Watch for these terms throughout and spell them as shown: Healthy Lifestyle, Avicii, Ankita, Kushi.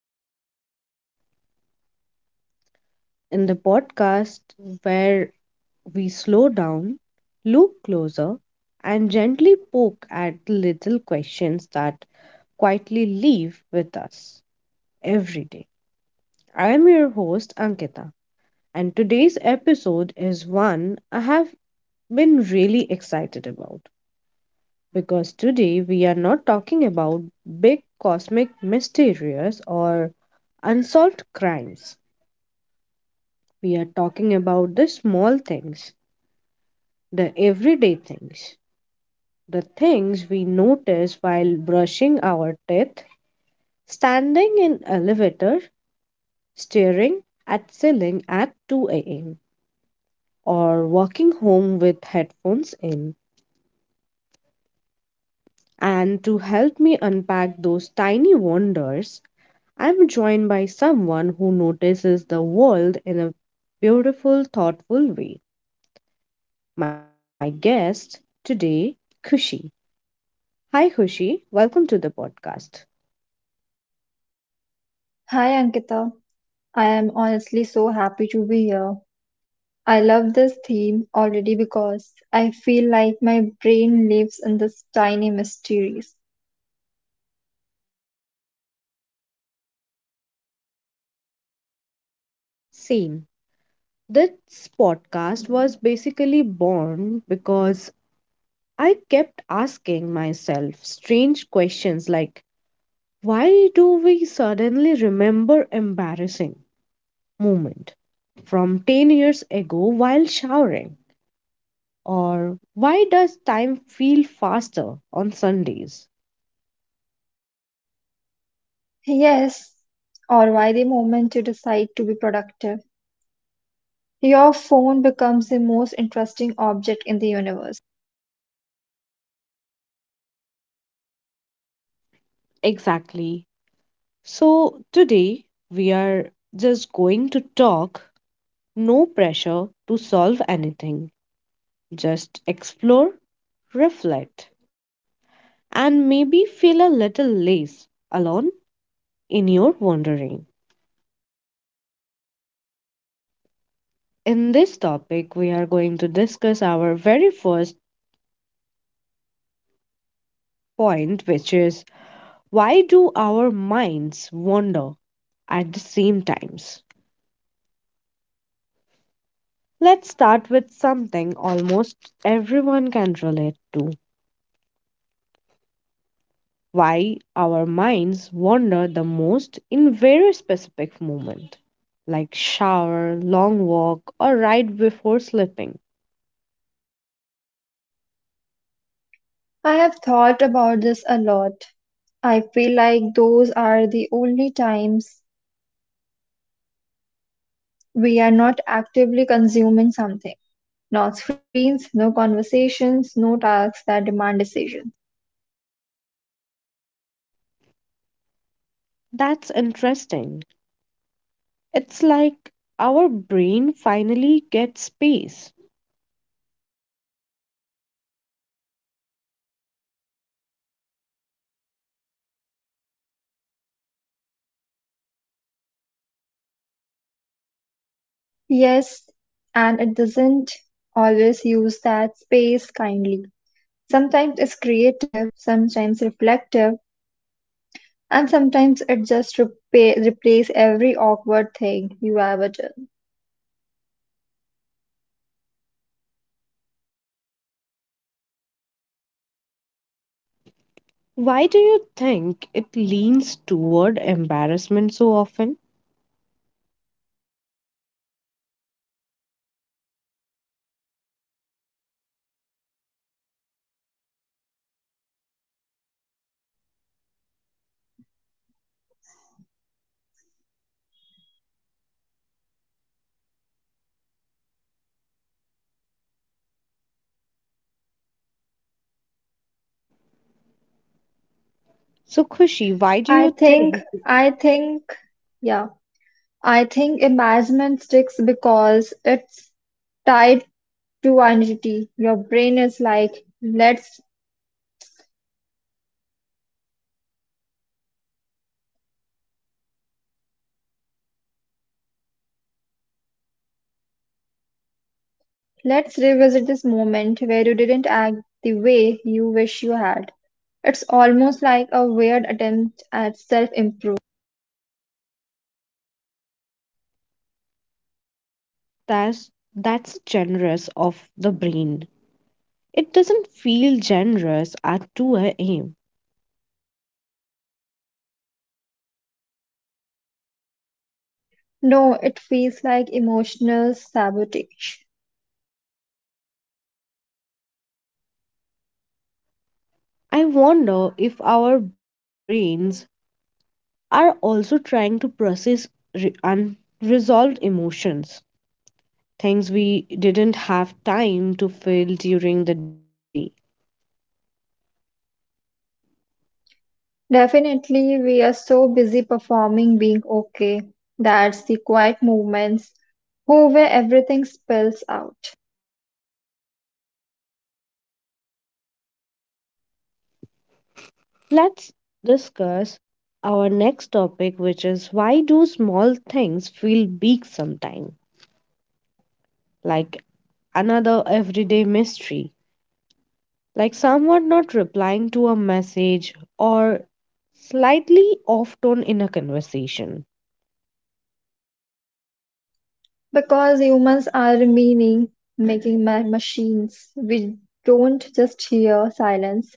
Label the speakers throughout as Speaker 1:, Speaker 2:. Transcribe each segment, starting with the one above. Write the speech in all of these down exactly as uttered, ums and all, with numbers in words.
Speaker 1: to Healthy Lifestyle. In the podcast where we slow down, look closer, and gently poke at the little questions that quietly live with us every day. I am your host, Ankita, and today's episode is one I have been really excited about because today we are not talking about big cosmic mysteries or unsolved crimes. We are talking about the small things, the everyday things, the things we notice while brushing our teeth, standing in elevator, staring at ceiling at two a m or walking home with headphones in. And to help me unpack those tiny wonders, I'm joined by someone who notices the world in a beautiful, thoughtful way. My guest today, Kushi. Hi, Hushi. Welcome to the podcast.
Speaker 2: Hi Ankita, I am honestly so happy to be here. I love this theme already because I feel like my brain lives in this tiny mysteries.
Speaker 1: Same. This podcast was basically born because I kept asking myself strange questions like, why do we suddenly remember embarrassing moment from ten years ago while showering, or why does time feel faster on Sundays?
Speaker 2: Yes, or why the moment you decide to be productive, your phone becomes the most interesting object in the universe.
Speaker 1: Exactly. So today we are just going to talk. No pressure to solve anything. Just explore, reflect, and maybe feel a little less alone in your wandering. In this topic, we are going to discuss our very first point, which is, why do our minds wander at the same times? Let's start with something almost everyone can relate to, why our minds wander the most in very specific moment, like shower, long walk, or right before sleeping.
Speaker 2: I have thought about this a lot. I feel like those are the only times we are not actively consuming something. No screens, no conversations, no tasks that demand decision.
Speaker 1: That's interesting. It's like our brain finally gets space.
Speaker 2: Yes, and it doesn't always use that space kindly. Sometimes it's creative, sometimes reflective, and sometimes it just repa replays every awkward thing you ever done.
Speaker 1: Why do you think it leans toward embarrassment so often? So, Khushi, why do
Speaker 2: I
Speaker 1: you think
Speaker 2: think, I think, yeah, I think embarrassment sticks because it's tied to identity. Your brain is like, let's Let's revisit this moment where you didn't act the way you wish you had. It's almost like a weird attempt at self improvement.
Speaker 1: that's, that's generous of the brain? It doesn't feel generous at two a m.
Speaker 2: No, it feels like emotional sabotage.
Speaker 1: I wonder if our brains are also trying to process re- unresolved emotions, things we didn't have time to feel during the day.
Speaker 2: Definitely, we are so busy performing being okay. That's the quiet moments who where everything spills out.
Speaker 1: Let's discuss our next topic, which is, why do small things feel big sometimes? Like another everyday mystery, like someone not replying to a message or slightly off tone in a conversation.
Speaker 2: Because humans are meaning making ma- machines, we don't just hear silence,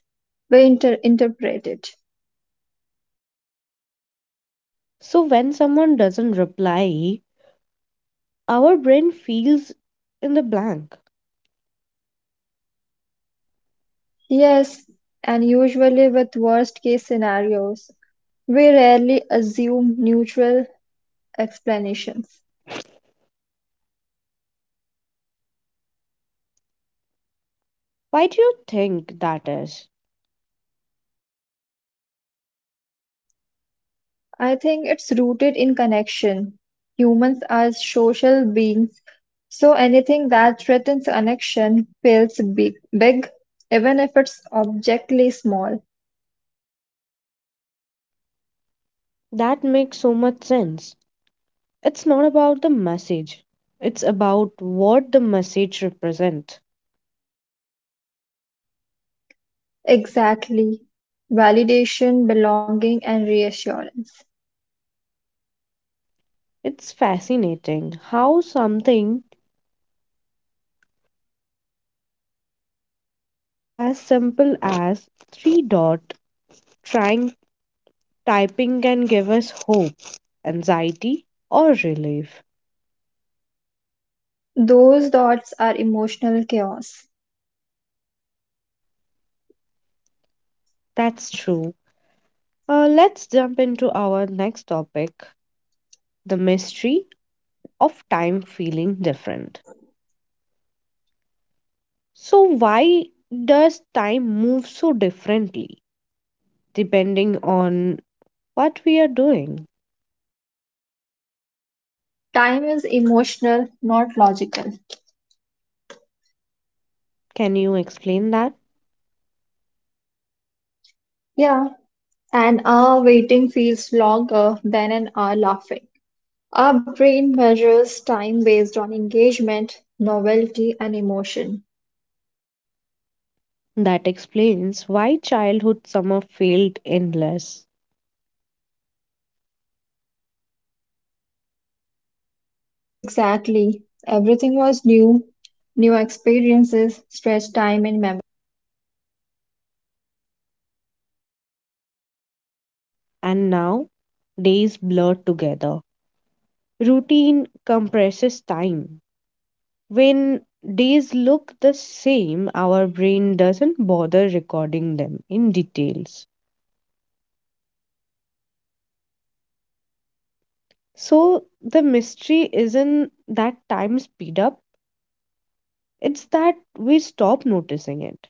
Speaker 2: we inter- interpret it.
Speaker 1: So when someone doesn't reply, our brain feels in the blank.
Speaker 2: Yes, and usually with worst case scenarios, we rarely assume neutral explanations.
Speaker 1: Why do you think that is?
Speaker 2: I think it's rooted in connection. Humans are social beings, so anything that threatens connection feels big, big, even if it's objectively small.
Speaker 1: That makes so much sense. It's not about the message. It's about what the message represents.
Speaker 2: Exactly. Validation, belonging, and reassurance.
Speaker 1: It's fascinating how something as simple as three dot trying typing can give us hope, anxiety, or relief.
Speaker 2: Those dots are emotional chaos.
Speaker 1: That's true. Uh, let's jump into our next topic, the mystery of time feeling different. So, why does time move so differently depending on what we are doing?
Speaker 2: Time is emotional, not logical.
Speaker 1: Can you explain that?
Speaker 2: Yeah. An hour waiting feels longer than an hour laughing. Our brain measures time based on engagement, novelty, and emotion.
Speaker 1: That explains why childhood summer felt endless,
Speaker 2: E- exactly. Everything was new. New experiences stretch time in memory.
Speaker 1: and now days blur together. Routine compresses time. When days look the same, our brain doesn't bother recording them in details. So the mystery isn't that time speed up, it's that we stop noticing it.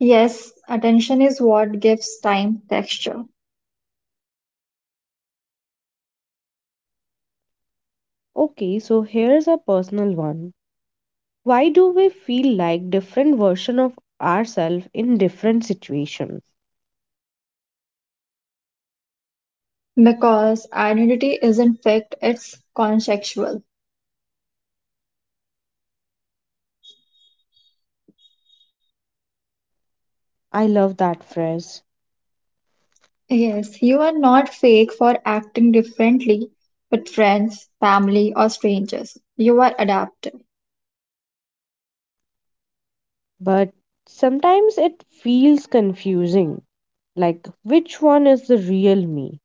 Speaker 2: Yes, attention is what gives time texture.
Speaker 1: Okay, so here's a personal one. Why do we feel like different version of ourselves in different situations?
Speaker 2: Because identity isn't fixed, it's contextual.
Speaker 1: I love that phrase,
Speaker 2: Yes, you are not fake for acting differently with friends, family, or strangers. You are adaptive.
Speaker 1: but sometimes it feels confusing. Like, which one is the real me?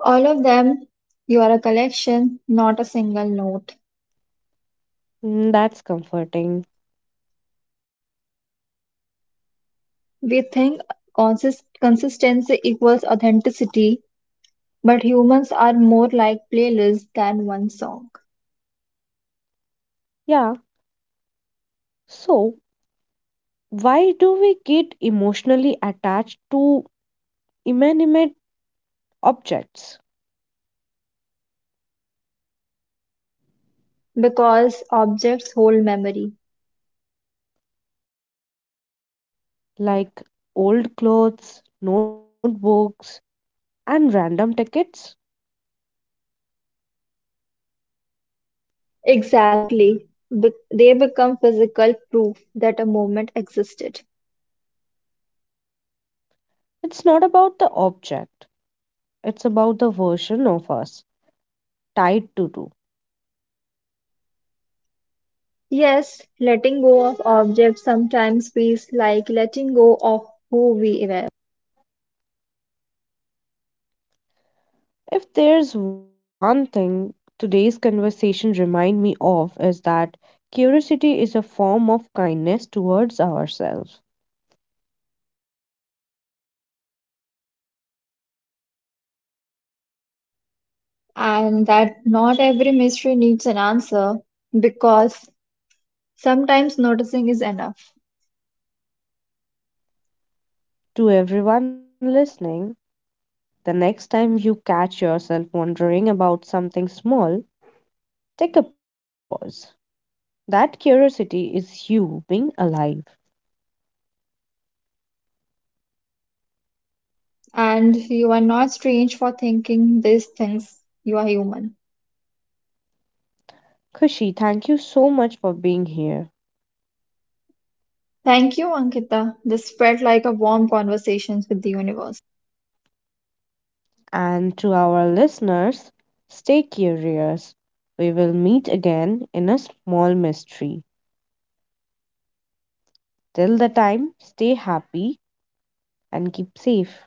Speaker 2: All of them, you are a collection, not a single note.
Speaker 1: Mm, that's comforting.
Speaker 2: We think consist- consistency equals authenticity, but humans are more like playlists than one song
Speaker 1: Yeah. So why do we get emotionally attached to inanimate objects,
Speaker 2: because objects hold memory.
Speaker 1: like old clothes, notebooks, and random tickets.
Speaker 2: Exactly. Be- they become physical proof that a moment existed.
Speaker 1: It's not about the object, it's about the version of us tied to do.
Speaker 2: Yes, letting go of objects sometimes feels like letting go of who we were,
Speaker 1: If there's one thing today's conversation remind me of is that curiosity is a form of kindness towards ourselves.
Speaker 2: and that not every mystery needs an answer because sometimes noticing is enough,
Speaker 1: To everyone listening, the next time you catch yourself wondering about something small, take a pause. That curiosity is you being alive.
Speaker 2: and you are not strange for thinking these things. You are human.
Speaker 1: Kushi, thank you so much for being here.
Speaker 2: Thank you, Ankita. This felt like a warm conversation with the universe.
Speaker 1: And to our listeners, stay curious. We will meet again in a small mystery. Till the time, stay happy and keep safe.